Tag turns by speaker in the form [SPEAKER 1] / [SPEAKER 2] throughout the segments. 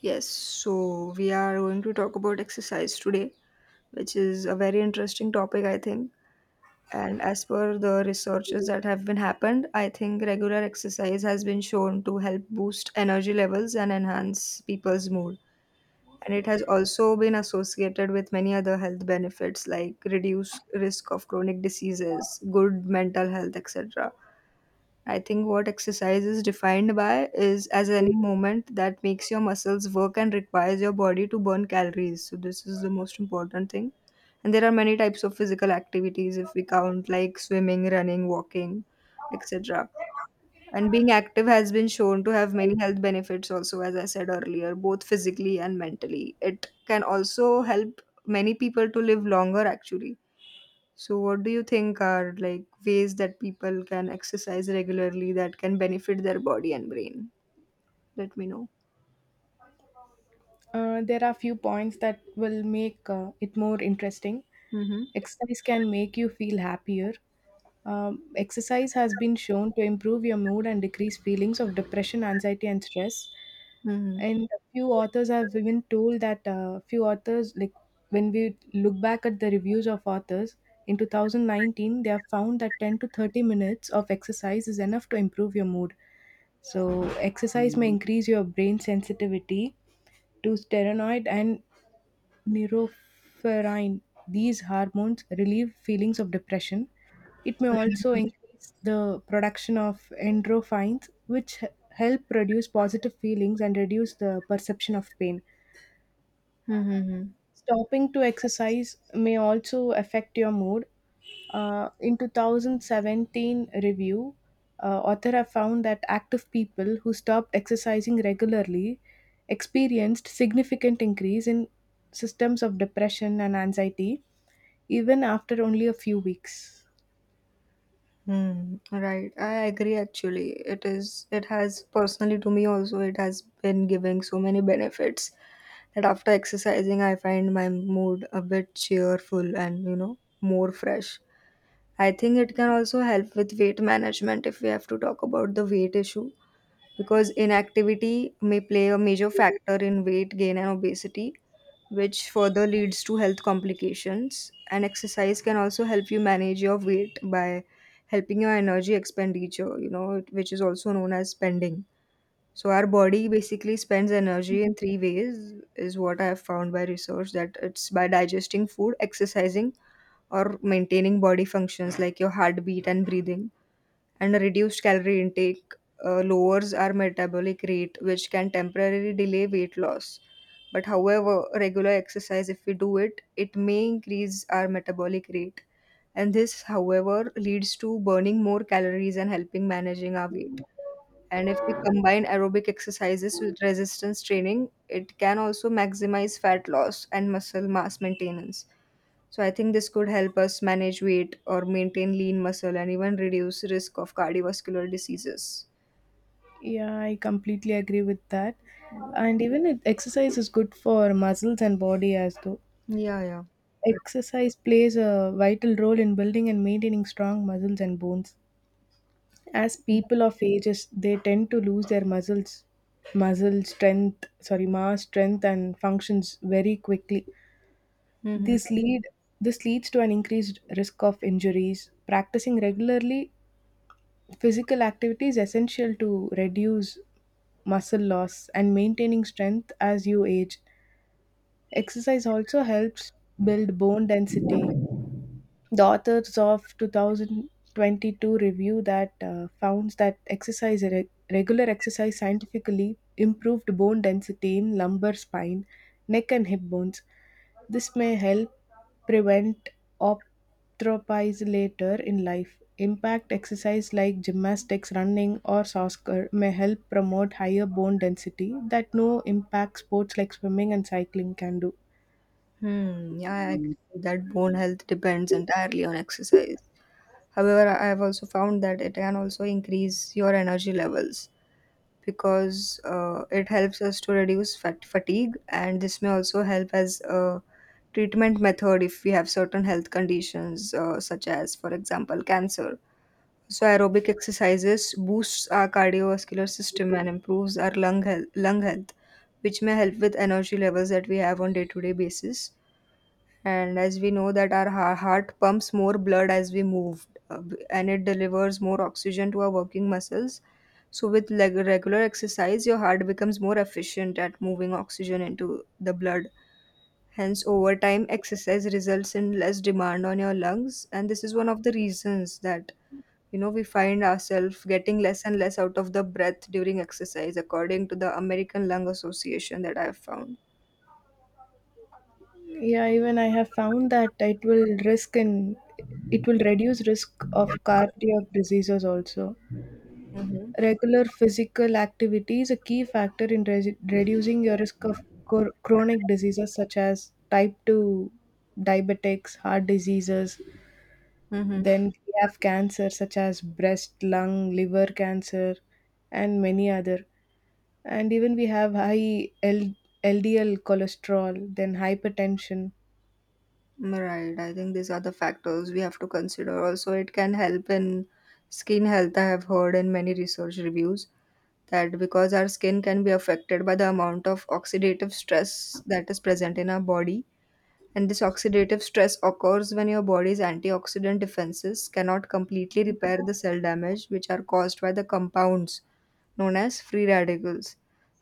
[SPEAKER 1] Yes, so we are going to talk about exercise today, which is a very interesting topic, I think. And as per the researches that have been happened, I think regular exercise has been shown to help boost energy levels and enhance people's mood. And it has also been associated with many other health benefits like reduced risk of chronic diseases, good mental health, etc. I think what exercise is defined by is as any movement that makes your muscles work and requires your body to burn calories. So this is the most important thing. And there are many types of physical activities if we count like swimming, running, walking, etc. And being active has been shown to have many health benefits also, as I said earlier, both physically and mentally. It can also help many people to live longer actually. So, what do you think are like ways that people can exercise regularly that can benefit their body and brain? Let me know.
[SPEAKER 2] There are few points that will make it more interesting.
[SPEAKER 1] Mm-hmm.
[SPEAKER 2] Exercise can make you feel happier. Exercise has been shown to improve your mood and decrease feelings of depression, anxiety, and stress.
[SPEAKER 1] Mm-hmm.
[SPEAKER 2] And a few authors have even told that few authors, like when we look back at the reviews of authors in 2019, they have found that 10 to 30 minutes of exercise is enough to improve your mood. So, exercise may increase your brain sensitivity to steroid and norepinephrine. These hormones relieve feelings of depression. It may also increase the production of endorphins, which help produce positive feelings and reduce the perception of pain.
[SPEAKER 1] Mm-hmm.
[SPEAKER 2] Stopping to exercise may also affect your mood. In 2017 review, author have found that active people who stopped exercising regularly experienced significant increase in systems of depression and anxiety even after only a few weeks.
[SPEAKER 1] Hmm. Right, I agree actually. It has personally to me also, it has been giving so many benefits that after exercising I find my mood a bit cheerful and, you know, more fresh. I think it can also help with weight management if we have to talk about the weight issue, because inactivity may play a major factor in weight gain and obesity, which further leads to health complications. And exercise can also help you manage your weight by helping your energy expenditure, you know, which is also known as spending. So our body basically spends energy in three ways, is what I have found by research, that it's by digesting food, exercising, or maintaining body functions like your heartbeat and breathing. And a reduced calorie intake lowers our metabolic rate, which can temporarily delay weight loss. But however, regular exercise, if we do it, it may increase our metabolic rate. And this, however, leads to burning more calories and helping managing our weight. And if we combine aerobic exercises with resistance training, it can also maximize fat loss and muscle mass maintenance. So I think this could help us manage weight or maintain lean muscle and even reduce risk of cardiovascular diseases.
[SPEAKER 2] Yeah, I completely agree with that. And even it, exercise is good for muscles and body as though.
[SPEAKER 1] Yeah, yeah. Right.
[SPEAKER 2] Exercise plays a vital role in building and maintaining strong muscles and bones. As people of ages, they tend to lose their muscles, muscle strength, sorry, mass strength and functions very quickly.
[SPEAKER 1] Mhm.
[SPEAKER 2] This lead this leads to an increased risk of injuries. Practicing regularly, physical activity is essential to reduce muscle loss and maintaining strength as you age. Exercise also helps build bone density. The authors of 2022 review that found that regular exercise scientifically improved bone density in lumbar spine, neck and hip bones. This may help prevent arthropathy later in life. Impact exercise like gymnastics, running, or soccer may help promote higher bone density that no impact sports like swimming and cycling can do.
[SPEAKER 1] Hmm. Yeah, I agree that bone health depends entirely on exercise. However, I have also found that it can also increase your energy levels, because it helps us to reduce fatigue, and this may also help as a treatment method if we have certain health conditions, such as, for example, cancer. So aerobic exercises boosts our cardiovascular system and improves our lung health, lung health, which may help with energy levels that we have on day to day basis. And as we know that our heart pumps more blood as we move, and it delivers more oxygen to our working muscles. So with regular exercise your heart becomes more efficient at moving oxygen into the blood. Hence over time exercise results in less demand on your lungs, and this is one of the reasons that, you know, we find ourselves getting less and less out of the breath during exercise, according to the American Lung Association, that I have found.
[SPEAKER 2] Yeah, even I have found that it will reduce risk of cardiac diseases also.
[SPEAKER 1] Mm-hmm.
[SPEAKER 2] Regular physical activity is a key factor in reducing your risk of chronic diseases such as type 2 diabetics, heart diseases. Then we have cancer such as breast, lung, liver cancer, and many other. And even we have LDL cholesterol, then hypertension.
[SPEAKER 1] Right. I think these are the factors we have to consider. Also, it can help in skin health. I have heard in many research reviews that because our skin can be affected by the amount of oxidative stress that is present in our body, and this oxidative stress occurs when your body's antioxidant defenses cannot completely repair the cell damage which are caused by the compounds known as free radicals.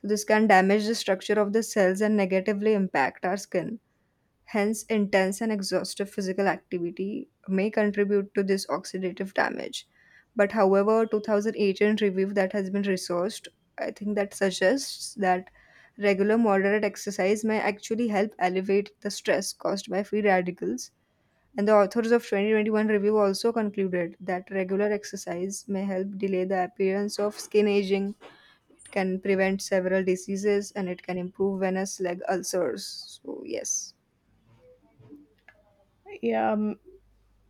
[SPEAKER 1] So this can damage the structure of the cells and negatively impact our skin. Hence, intense and exhaustive physical activity may contribute to this oxidative damage. But however, 2018 review that has been resourced, I think, that suggests that regular moderate exercise may actually help alleviate the stress caused by free radicals. And the authors of 2021 review also concluded that regular exercise may help delay the appearance of skin aging, can prevent several diseases, and it can improve venous leg ulcers. So, yes.
[SPEAKER 2] Yeah,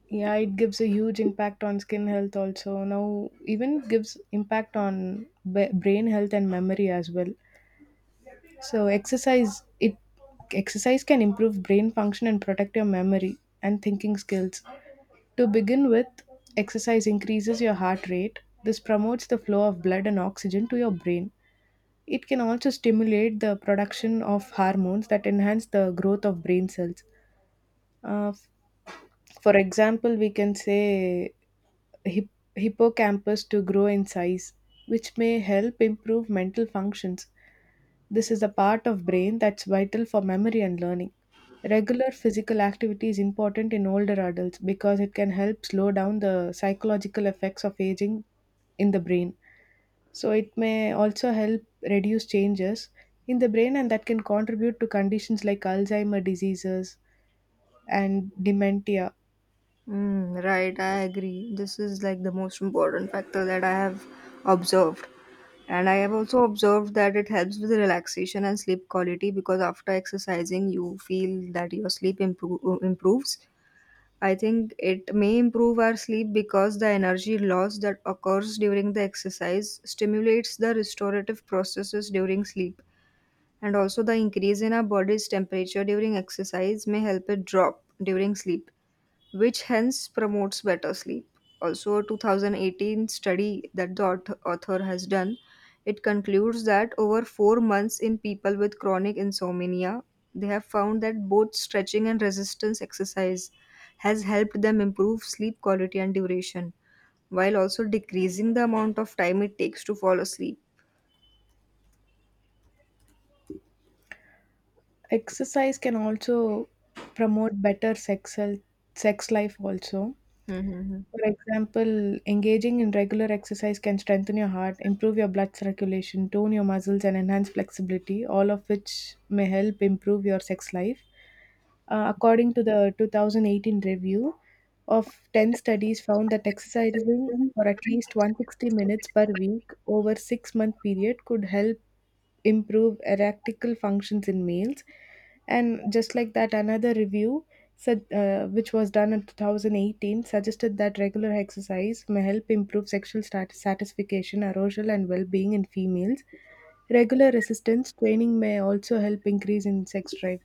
[SPEAKER 2] yeah, it gives a huge impact on skin health also. Now even gives impact on brain health and memory as well. So exercise can improve brain function and protect your memory and thinking skills. To begin with, exercise increases your heart rate. This promotes the flow of blood and oxygen to your brain. It can also stimulate the production of hormones that enhance the growth of brain cells. uh, f- for example, we can say hip- hippocampus to grow in size, which may help improve mental functions. This is a part of brain that's vital for memory and learning. Regular physical activity is important in older adults because it can help slow down the psychological effects of aging in the brain. So it may also help reduce changes in the brain and that can contribute to conditions like Alzheimer diseases and dementia.
[SPEAKER 1] Mm, right, I agree. This is like the most important factor that I have observed. And I have also observed that it helps with relaxation and sleep quality, because after exercising, you feel that your improves. I think it may improve our sleep because the energy loss that occurs during the exercise stimulates the restorative processes during sleep. And also, the increase in our body's temperature during exercise may help it drop during sleep, which hence promotes better sleep. Also, a 2018 study that the author has done, it concludes that over 4 months in people with chronic insomnia, they have found that both stretching and resistance exercise has helped them improve sleep quality and duration, while also decreasing the amount of time it takes to fall asleep.
[SPEAKER 2] Exercise can also promote better sex health, sex life also.
[SPEAKER 1] Mm-hmm.
[SPEAKER 2] For example, engaging in regular exercise can strengthen your heart, improve your blood circulation, tone your muscles, and enhance flexibility, all of which may help improve your sex life. According to the 2018 review of 10 studies found that exercising for at least 160 minutes per week over 6-month period could help improve erectile functions in males. And just like that, another review, which was done in 2018, suggested that regular exercise may help improve sexual satisfaction, arousal, and well being in females. Regular resistance training may also help increase in sex drive.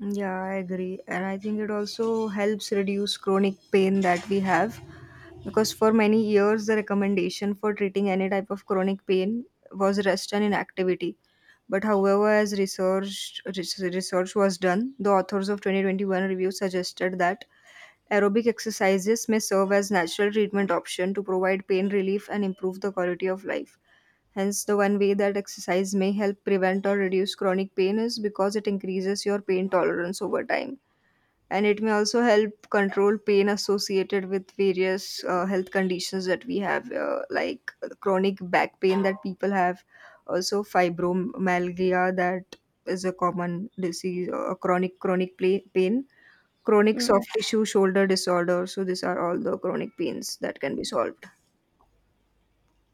[SPEAKER 1] Yeah, I agree. And I think it also helps reduce chronic pain that we have. Because for many years, the recommendation for treating any type of chronic pain was rest and inactivity. But however, as research was done, the authors of 2021 review suggested that aerobic exercises may serve as natural treatment option to provide pain relief and improve the quality of life. Hence, the one way that exercise may help prevent or reduce chronic pain is because it increases your pain tolerance over time, and it may also help control pain associated with various health conditions that we have, like chronic back pain that people have, also fibromyalgia, that is a common disease, chronic chronic pla pain, chronic
[SPEAKER 2] Mm,
[SPEAKER 1] soft tissue shoulder disorder. So these are all the chronic pains that can be solved.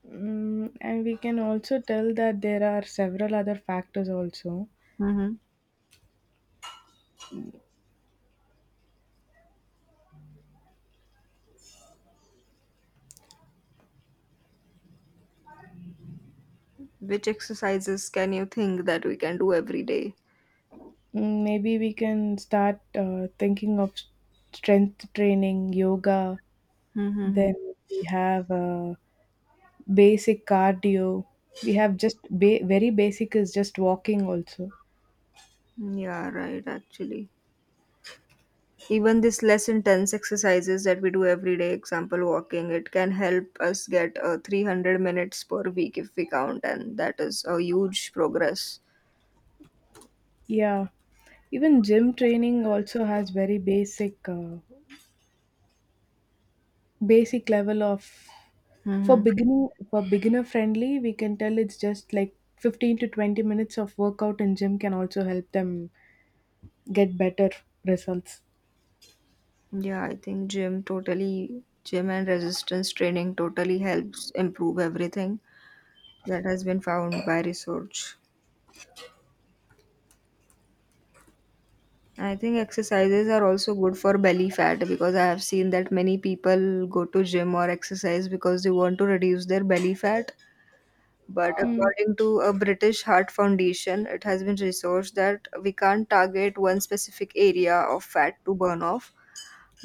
[SPEAKER 2] and we can also tell that there are several other factors also.
[SPEAKER 1] Hmm. Which exercises can you think that we can do every day?
[SPEAKER 2] Mm, maybe we can start thinking of strength training, yoga,
[SPEAKER 1] Mm-hmm.
[SPEAKER 2] then we have basic cardio. We have very basic is just walking also.
[SPEAKER 1] Yeah, right, actually. Even this less intense exercises that we do every day, example walking, it can help us get 300 minutes per week if we count, and that is a huge progress.
[SPEAKER 2] Yeah, even gym training also has very basic basic level of for
[SPEAKER 1] Hmm.
[SPEAKER 2] beginning for beginner friendly. We can tell it's just like 15 to 20 minutes of workout in gym can also help them get better results.
[SPEAKER 1] Yeah, I think gym totally, gym and resistance training totally helps improve everything that has been found by research. I think exercises are also good for belly fat, because I have seen that many people go to gym or exercise because they want to reduce their belly fat. But
[SPEAKER 2] Mm,
[SPEAKER 1] according to a British Heart Foundation, it has been researched that we can't target one specific area of fat to burn off,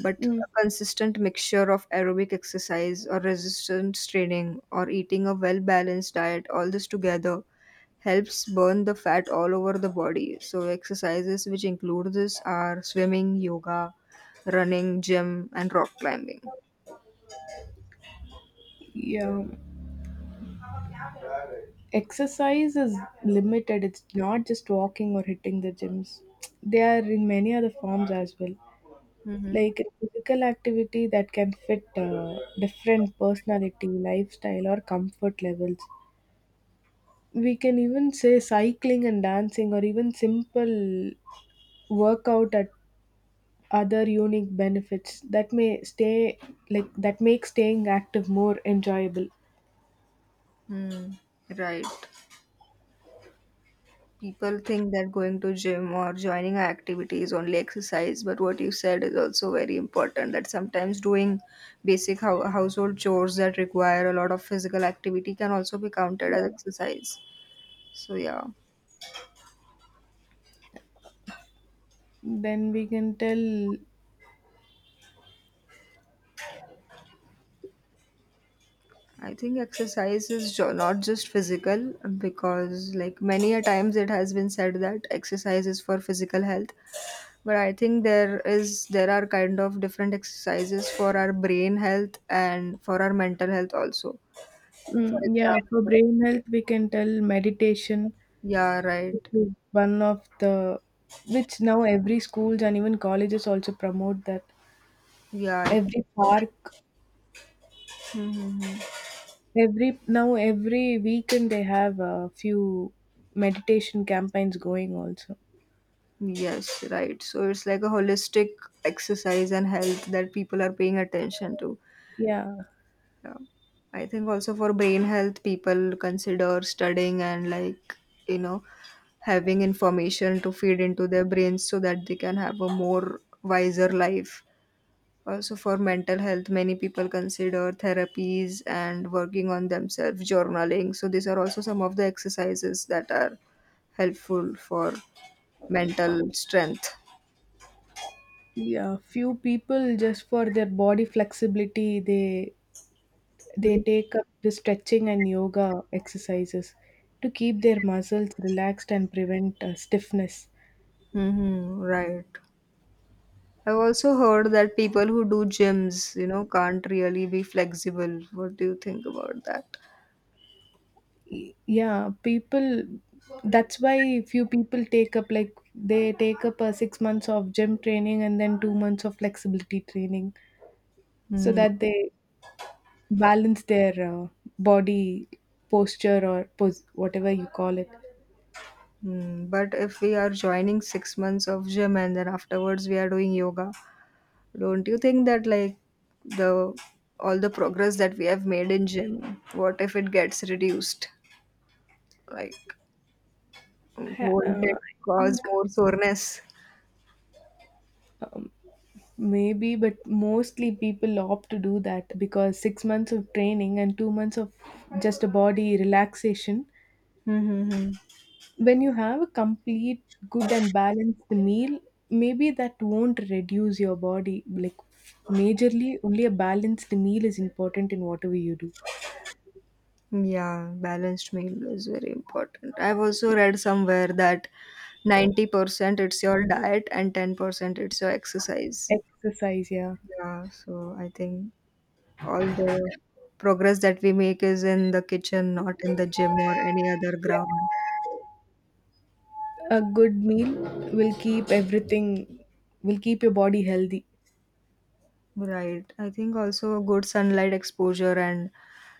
[SPEAKER 1] but
[SPEAKER 2] mm,
[SPEAKER 1] a consistent mixture of aerobic exercise or resistance training or eating a well balanced diet, all this together helps burn the fat all over the body. So, exercises which include this are swimming, yoga, running, gym, and rock climbing.
[SPEAKER 2] yeah, exercise is limited, it's not just walking or hitting the gyms, they are in many other forms as well, like physical activity that can fit different personality lifestyle or comfort levels. We can even say cycling and dancing or even simple workout at other unique benefits that may stay like that make staying active more enjoyable.
[SPEAKER 1] Mm-hmm. Right. People think that going to gym or joining an activity is only exercise, but what you said is also very important, that sometimes doing basic household chores that require a lot of physical activity can also be counted as exercise. So yeah,
[SPEAKER 2] Then we can tell,
[SPEAKER 1] I think exercise is not just physical, because like many a times it has been said that exercise is for physical health, but I think there are kind of different exercises for our brain health and for our mental health also. For
[SPEAKER 2] mm, yeah, for
[SPEAKER 1] example.
[SPEAKER 2] brain health, we can tell meditation,
[SPEAKER 1] Yeah,
[SPEAKER 2] which
[SPEAKER 1] right.
[SPEAKER 2] is one of the, which now every schools and even colleges also promote that.
[SPEAKER 1] Yeah. I-
[SPEAKER 2] Every park,
[SPEAKER 1] Mhm.
[SPEAKER 2] every now every weekend they have a few meditation campaigns going also.
[SPEAKER 1] Yes, right. So it's like a holistic exercise and health that people are paying attention to.
[SPEAKER 2] Yeah,
[SPEAKER 1] Yeah. I think also for brain health, people consider studying and, like, you know, having information to feed into their brains so that they can have a more wiser life. Also, for mental health, many people consider therapies and working on themselves, journaling. So, these are also some of the exercises that are helpful for mental strength.
[SPEAKER 2] yeah, few people just for their body flexibility, they take up the stretching and yoga exercises to keep their muscles relaxed and prevent stiffness.
[SPEAKER 1] Mm-hmm, right. I've also heard that people who do gyms, you know, can't really be flexible. What do you think about that?
[SPEAKER 2] Yeah, people, that's why few people take up like, they take up a 6 months of gym training and then 2 months of flexibility training so
[SPEAKER 1] Mm.
[SPEAKER 2] that they balance their body posture or whatever you call it.
[SPEAKER 1] Mm. But if we are joining 6 months of gym and then afterwards we are doing yoga, don't you think that, like, the all the progress that we have made in gym, what if it gets reduced? Like,
[SPEAKER 2] I,
[SPEAKER 1] won't
[SPEAKER 2] uh,
[SPEAKER 1] it
[SPEAKER 2] I
[SPEAKER 1] cause
[SPEAKER 2] think
[SPEAKER 1] more soreness?
[SPEAKER 2] maybe, but mostly people opt to do that because 6 months of training and 2 months of just a body relaxation,
[SPEAKER 1] Mm-hmm.
[SPEAKER 2] when you have a complete good and balanced meal, maybe that won't reduce your body like majorly. Only a balanced meal is important in whatever you do.
[SPEAKER 1] Yeah, balanced meal is very important. I've also read somewhere that 90% it's your diet and 10% it's your exercise.
[SPEAKER 2] Exercise, yeah,
[SPEAKER 1] Yeah, so I think all the progress that we make is in the kitchen, not in the gym or any other ground.
[SPEAKER 2] a good meal will keep everything will keep your body healthy.
[SPEAKER 1] Right. I think also good sunlight exposure and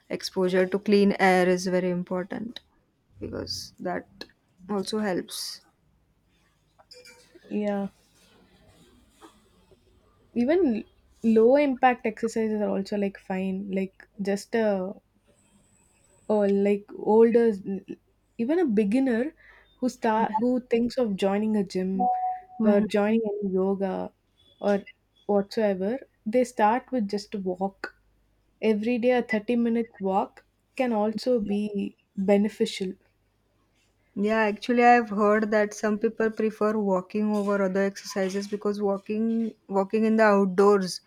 [SPEAKER 1] exposure to clean air is very important, because that also helps.
[SPEAKER 2] Yeah, even low impact exercises are also like fine, like just a, or like older, even a beginner who start who thinks of joining a gym or
[SPEAKER 1] Mhm.
[SPEAKER 2] joining any yoga or whatsoever, they start with just a walk every day. A 30-minute walk can also be beneficial.
[SPEAKER 1] Yeah, actually, I've heard that some people prefer walking over other exercises because walking in the outdoors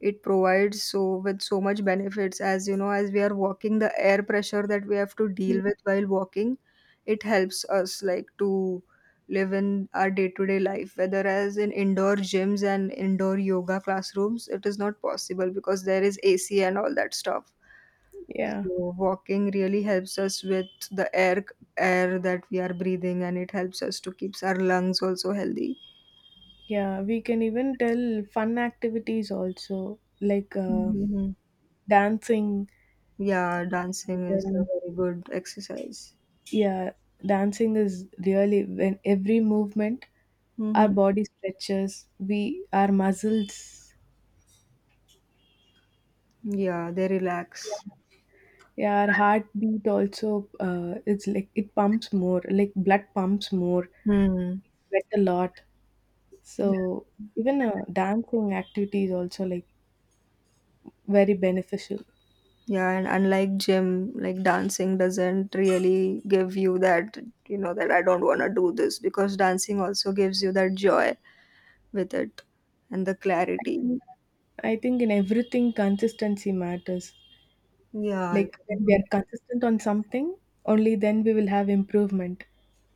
[SPEAKER 1] it provides so with so much benefits as you know as we are walking the air pressure that we have to deal with while walking it helps us like to live in our day-to-day life whether as in indoor gyms and indoor yoga classrooms it is not possible because there is AC and all that stuff
[SPEAKER 2] Yeah,
[SPEAKER 1] so walking really helps us with the air that we are breathing and it helps us to keeps our lungs also healthy.
[SPEAKER 2] yeah, we can even tell fun activities also, like
[SPEAKER 1] Hmm.
[SPEAKER 2] dancing.
[SPEAKER 1] Yeah, dancing is
[SPEAKER 2] Then,
[SPEAKER 1] a very good exercise.
[SPEAKER 2] yeah, dancing is really when every movement our
[SPEAKER 1] Hmm.
[SPEAKER 2] body stretches, we our muscles.
[SPEAKER 1] Yeah, they
[SPEAKER 2] yeah,
[SPEAKER 1] relax.
[SPEAKER 2] yeah, our heartbeat also, it's like it pumps more, like blood pumps more,
[SPEAKER 1] Mm.
[SPEAKER 2] we sweat a lot. So
[SPEAKER 1] Yeah.
[SPEAKER 2] even dancing activity is also like very beneficial.
[SPEAKER 1] Yeah, and unlike gym, like dancing doesn't really give you that, you know, that I don't want to do this because dancing also gives you that joy with it and the
[SPEAKER 2] i
[SPEAKER 1] clarity.
[SPEAKER 2] think i think in everything consistency matters.
[SPEAKER 1] Yeah.
[SPEAKER 2] Like when we are consistent on something, only then we will have improvement.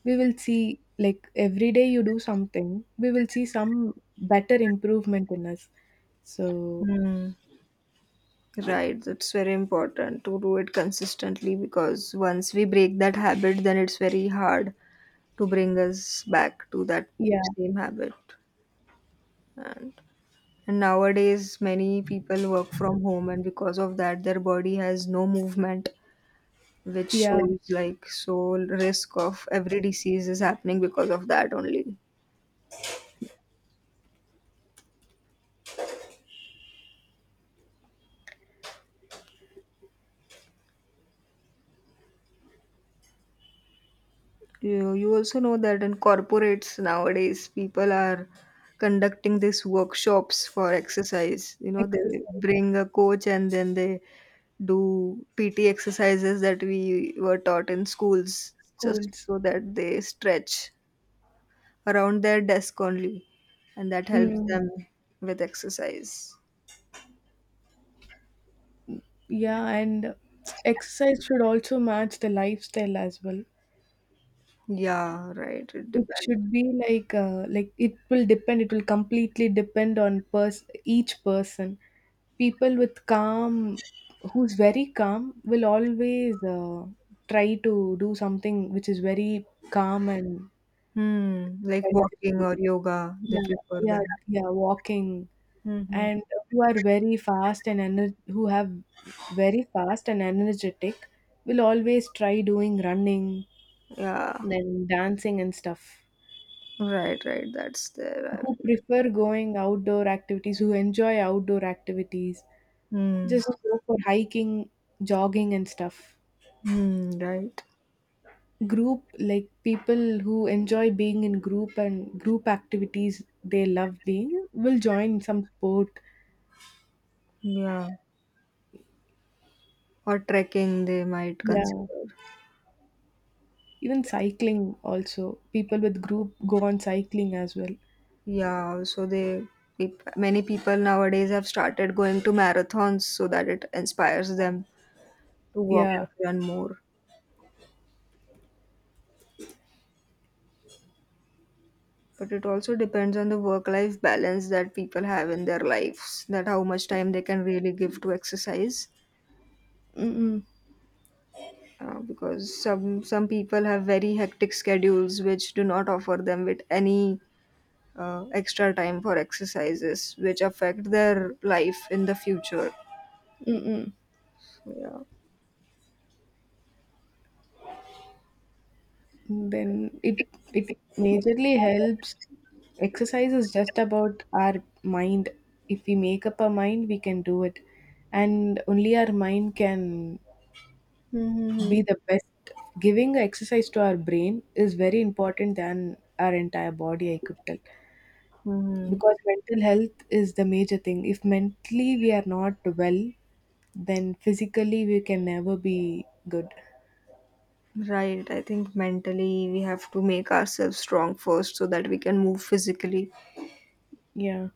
[SPEAKER 2] We will see like every day you do something, we will see some better improvement in us. So
[SPEAKER 1] Mm. Right, that's very important to do it consistently because once we break that habit, then it's very hard to bring us back to that
[SPEAKER 2] yeah.
[SPEAKER 1] same habit. And, and nowadays, many people work from home, and because of that, their body has no movement, which
[SPEAKER 2] yeah,
[SPEAKER 1] shows like so risk of every disease is happening because of that only. You also know that in corporates nowadays, people are conducting these workshops for exercise. You know, they
[SPEAKER 2] Exercise,
[SPEAKER 1] bring a coach and then they do PT exercises that we were taught in schools just
[SPEAKER 2] schools.
[SPEAKER 1] so that they stretch around their desk only. And that helps
[SPEAKER 2] Mm,
[SPEAKER 1] them with exercise.
[SPEAKER 2] yeah, and exercise should also match the lifestyle as well.
[SPEAKER 1] Yeah, right. It
[SPEAKER 2] It
[SPEAKER 1] depends.
[SPEAKER 2] should be like it it will completely depend on pers each person. People with calm, who's very calm, will always try to do something which is very calm and
[SPEAKER 1] Hmm, like walking
[SPEAKER 2] beneficial.
[SPEAKER 1] or yoga, they
[SPEAKER 2] Yeah,
[SPEAKER 1] prefer
[SPEAKER 2] yeah,
[SPEAKER 1] that.
[SPEAKER 2] yeah, walking,
[SPEAKER 1] Hmm.
[SPEAKER 2] and who are very fast and ener- who have very fast and energetic will always try doing running,
[SPEAKER 1] Yeah.
[SPEAKER 2] then dancing and stuff.
[SPEAKER 1] Right, right. That's there.
[SPEAKER 2] Who
[SPEAKER 1] I-
[SPEAKER 2] prefer going outdoor activities who enjoy outdoor activities,
[SPEAKER 1] Hmm.
[SPEAKER 2] just go for hiking, jogging and stuff.
[SPEAKER 1] Hmm. Right.
[SPEAKER 2] Group, like people who enjoy being in group and group activities, they love being, will join some sport.
[SPEAKER 1] Yeah. Or trekking, they might consider.
[SPEAKER 2] Yeah, even cycling also, people with group go on cycling as well.
[SPEAKER 1] Yeah. So they peop- many people nowadays have started going to marathons so that it inspires them to walk
[SPEAKER 2] Yeah.
[SPEAKER 1] and run more. But it also depends on the work-life balance that people have in their lives, that how much time they can really give to exercise.
[SPEAKER 2] Mm-mm.
[SPEAKER 1] Because some people have very hectic schedules which do not offer them with any extra time for exercises which affect their life in the future,
[SPEAKER 2] Mm-mm.
[SPEAKER 1] so yeah.
[SPEAKER 2] Then it majorly helps. Exercise is just about our mind. If we make up our mind, we can do it. And only our mind can be
[SPEAKER 1] Mm-hmm.
[SPEAKER 2] the best. Giving exercise to our brain is very important than our entire body, I could tell.
[SPEAKER 1] Hmm.
[SPEAKER 2] Because mental health is the major thing. If mentally we are not well, then physically we can never be good.
[SPEAKER 1] Right. I think mentally we have to make ourselves strong first so that we can move physically.
[SPEAKER 2] Yeah,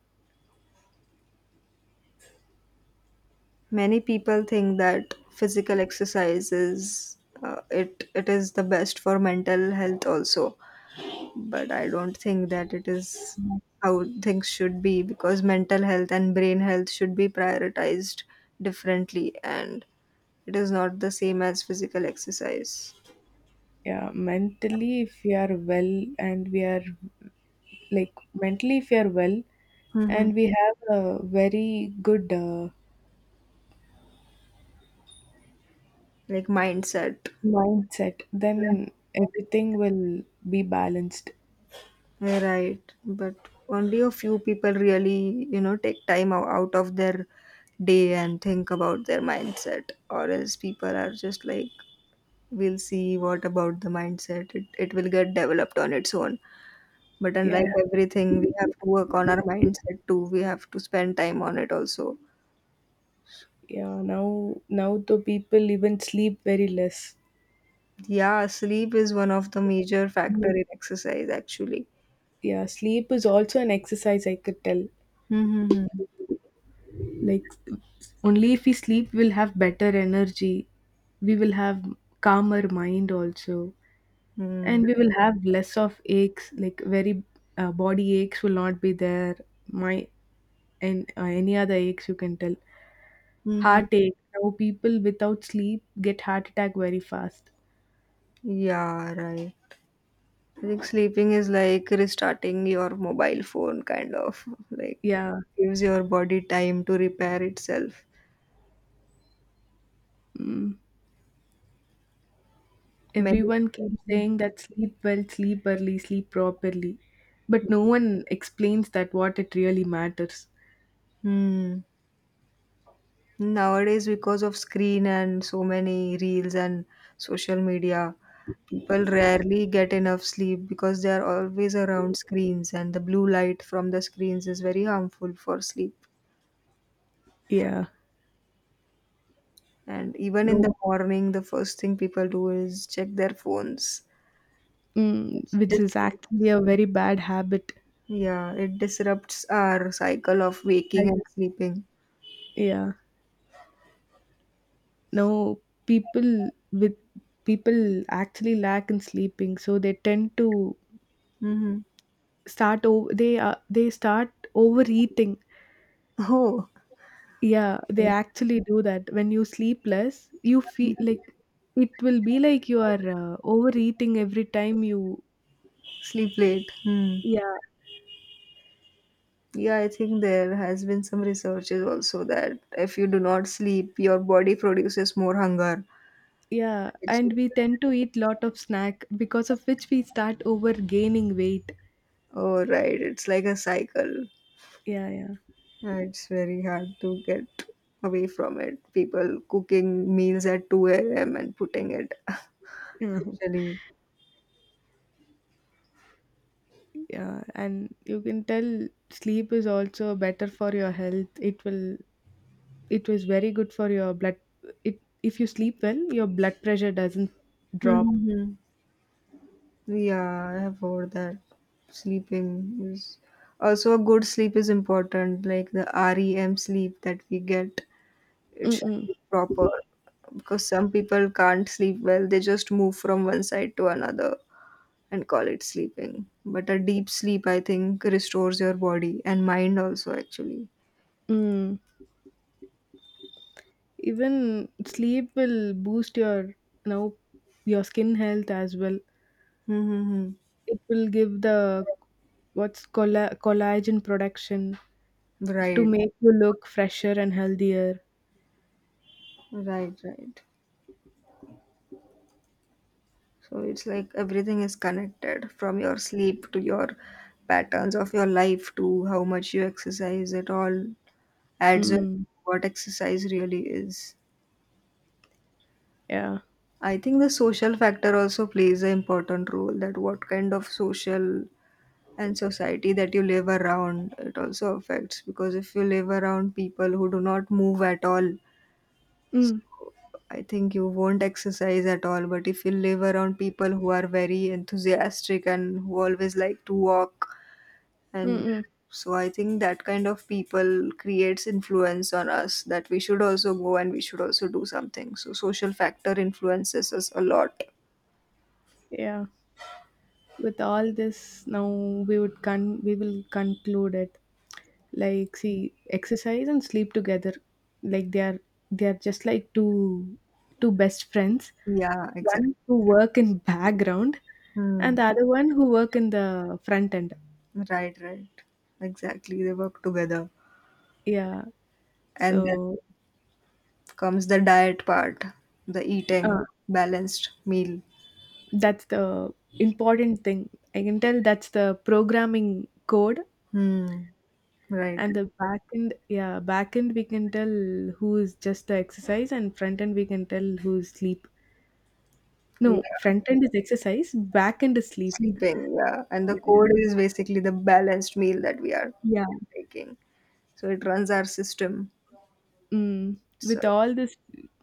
[SPEAKER 1] Many people think that physical exercise is it is the best for mental health also, but I don't think that it is how things should be because mental health and brain health should be prioritized differently, and it is not the same as physical exercise.
[SPEAKER 2] yeah mentally if we are well and we are like mentally if we are well
[SPEAKER 1] Mm-hmm.
[SPEAKER 2] and we have a very good
[SPEAKER 1] Like mindset.
[SPEAKER 2] mindset, then everything will be balanced.
[SPEAKER 1] Yeah, right, but only a few people really, you know, take time ou- out of their day and think about their mindset, or else people are just like we'll see what about the mindset, it will get developed on its own, but unlike,
[SPEAKER 2] yeah
[SPEAKER 1] yeah, everything, we have to work on our mindset too, we have to spend time on it also.
[SPEAKER 2] yeah now now the people even sleep very less.
[SPEAKER 1] Yeah, sleep is one of the major factor
[SPEAKER 2] Mm,
[SPEAKER 1] in exercise actually.
[SPEAKER 2] yeah, sleep is also an exercise, I could tell.
[SPEAKER 1] Hmm.
[SPEAKER 2] Like only if we sleep, we'll have better energy, we will have calmer mind also,
[SPEAKER 1] Mm.
[SPEAKER 2] and we will have less of aches, like very body aches will not be there. My and Any other aches you can tell,
[SPEAKER 1] Hmm.
[SPEAKER 2] heartache, now people without sleep get heart attack very fast.
[SPEAKER 1] Yeah, right. I think sleeping is like restarting your mobile phone, kind of like
[SPEAKER 2] Yeah,
[SPEAKER 1] gives your body time to repair itself.
[SPEAKER 2] mm,
[SPEAKER 1] Many.
[SPEAKER 2] everyone keeps saying that sleep well, sleep early, sleep properly, but no one explains that what it really matters.
[SPEAKER 1] Hmm. Nowadays, because of screen and so many reels and social media, people rarely get enough sleep because they are always around screens, and the blue light from the screens is very harmful for sleep.
[SPEAKER 2] Yeah,
[SPEAKER 1] And even in
[SPEAKER 2] no,
[SPEAKER 1] the morning, the first thing people do is check their phones.
[SPEAKER 2] mm,
[SPEAKER 1] Which
[SPEAKER 2] which
[SPEAKER 1] dis-
[SPEAKER 2] is actually a very bad habit.
[SPEAKER 1] yeah, it disrupts our cycle of waking
[SPEAKER 2] Like,
[SPEAKER 1] and sleeping.
[SPEAKER 2] yeah. Now, people with people actually lack in sleeping, so they tend to
[SPEAKER 1] Mm-hmm.
[SPEAKER 2] start over. They start overeating.
[SPEAKER 1] Oh,
[SPEAKER 2] Yeah, they actually do that. When you sleep less, you feel like it will be like you are overeating every time you.
[SPEAKER 1] sleep late. Hmm.
[SPEAKER 2] Yeah,
[SPEAKER 1] Yeah, I think there has been some researches also that if you do not sleep, your body produces more hunger.
[SPEAKER 2] yeah,
[SPEAKER 1] It's,
[SPEAKER 2] and we tend to eat lot of snack because of which we start over gaining weight.
[SPEAKER 1] oh, right. It's like a cycle.
[SPEAKER 2] Yeah, yeah.
[SPEAKER 1] Yeah, it's very hard to get away from it. People cooking meals at 2 a.m. and putting it.
[SPEAKER 2] Mhm.
[SPEAKER 1] Actually.
[SPEAKER 2] Yeah, and you can tell sleep is also better for your health. It will it was very good for your blood. It, if you sleep well, your blood pressure doesn't drop.
[SPEAKER 1] Mm-hmm. Yeah, I have heard that sleeping is also a good sleep is important, like the REM sleep that we get. It should
[SPEAKER 2] Mm-mm.
[SPEAKER 1] be proper because some people can't sleep well, they just move from one side to another and call it sleeping. But a deep sleep, I think, restores your body and mind also, actually.
[SPEAKER 2] Mm, even sleep will boost your, you know, your skin health as well.
[SPEAKER 1] Mm-hmm.
[SPEAKER 2] It will give the, what's collagen production to
[SPEAKER 1] Right,
[SPEAKER 2] make you look fresher and healthier.
[SPEAKER 1] right, right. So it's like everything is connected from your sleep to your patterns of your life to how much you exercise. It all adds up
[SPEAKER 2] Mm,
[SPEAKER 1] what exercise really is.
[SPEAKER 2] yeah.
[SPEAKER 1] I think the social factor also plays an important role that what kind of social and society that you live around, it also affects because if you live around people who do not move at all,
[SPEAKER 2] mm.
[SPEAKER 1] I think you won't exercise at all, but if you live around people who are very enthusiastic and who always like to walk. And
[SPEAKER 2] Mm-mm.
[SPEAKER 1] so I think that kind of people creates influence on us that we should also go and we should also do something. So social factor influences us a lot.
[SPEAKER 2] Yeah, with all this, now we would we will conclude it. Like, see, exercise and sleep together, like they are, they are just like two best friends.
[SPEAKER 1] Yeah, exactly.
[SPEAKER 2] One who work in background
[SPEAKER 1] Hmm.
[SPEAKER 2] and the other one who work in the front end.
[SPEAKER 1] Right, right. Exactly. They work together.
[SPEAKER 2] Yeah,
[SPEAKER 1] And then
[SPEAKER 2] so,
[SPEAKER 1] comes the diet part, the eating,
[SPEAKER 2] uh,
[SPEAKER 1] balanced meal.
[SPEAKER 2] that's the important thing, I can tell, that's the programming code.
[SPEAKER 1] Hmm. Right.
[SPEAKER 2] And the back end, yeah, back end we can tell who is just the exercise, and front end we can tell who is sleep. No,
[SPEAKER 1] Yeah.
[SPEAKER 2] front end is exercise, back end is sleep.
[SPEAKER 1] Sleeping. Yeah. And the
[SPEAKER 2] Yeah,
[SPEAKER 1] code is basically the balanced meal that we are
[SPEAKER 2] yeah.
[SPEAKER 1] taking. So it runs our system.
[SPEAKER 2] Mm,
[SPEAKER 1] So
[SPEAKER 2] with all this,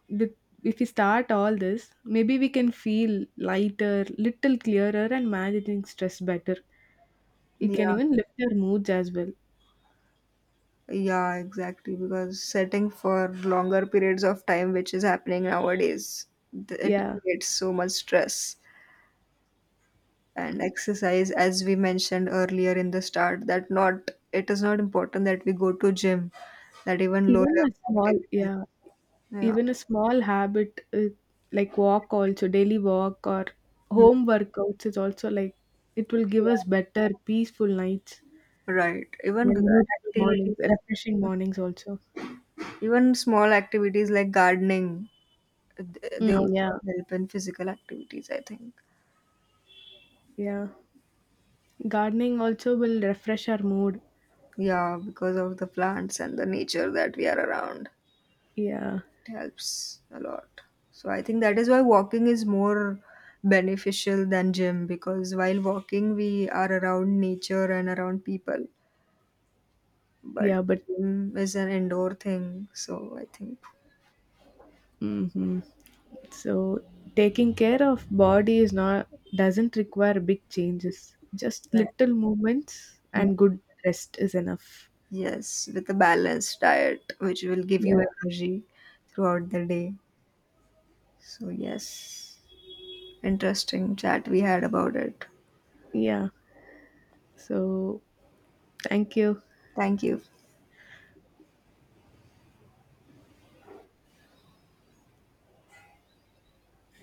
[SPEAKER 2] with if we start all this, maybe we can feel lighter, little clearer, and managing stress better. It
[SPEAKER 1] yeah,
[SPEAKER 2] can even lift our moods as well.
[SPEAKER 1] yeah, exactly. Because setting for longer periods of time, which is happening nowadays, th- it
[SPEAKER 2] Yeah,
[SPEAKER 1] creates so much stress. And exercise, as we mentioned earlier in the start, that not it is not important that we go to gym, that even low
[SPEAKER 2] even a
[SPEAKER 1] level
[SPEAKER 2] small
[SPEAKER 1] activities.
[SPEAKER 2] yeah,
[SPEAKER 1] Yeah.
[SPEAKER 2] even a small habit, like walk also, daily walk or
[SPEAKER 1] Hmm.
[SPEAKER 2] home workouts is also like, it will give us better peaceful nights
[SPEAKER 1] Right. Even g-
[SPEAKER 2] and beautiful mornings,
[SPEAKER 1] activities,
[SPEAKER 2] refreshing mornings also.
[SPEAKER 1] even small activities like gardening, th- they
[SPEAKER 2] Mm,
[SPEAKER 1] also
[SPEAKER 2] yeah,
[SPEAKER 1] help in physical activities, I think.
[SPEAKER 2] yeah. Gardening also will refresh our mood.
[SPEAKER 1] Yeah, because of the plants and the nature that we are around,
[SPEAKER 2] Yeah.
[SPEAKER 1] it helps a lot. So I think that is why walking is more beneficial than gym because while walking we are around nature and around people, but
[SPEAKER 2] Yeah, but,
[SPEAKER 1] gym is an indoor thing. So I think
[SPEAKER 2] mhm, so taking care of body is not doesn't require big changes. Just
[SPEAKER 1] that.
[SPEAKER 2] little movements
[SPEAKER 1] Hmm.
[SPEAKER 2] and good rest is enough.
[SPEAKER 1] Yes, with a balanced diet which will give you
[SPEAKER 2] Yeah.
[SPEAKER 1] energy throughout the day. So yes, interesting chat we had about it.
[SPEAKER 2] Yeah. So thank you.
[SPEAKER 1] Thank you.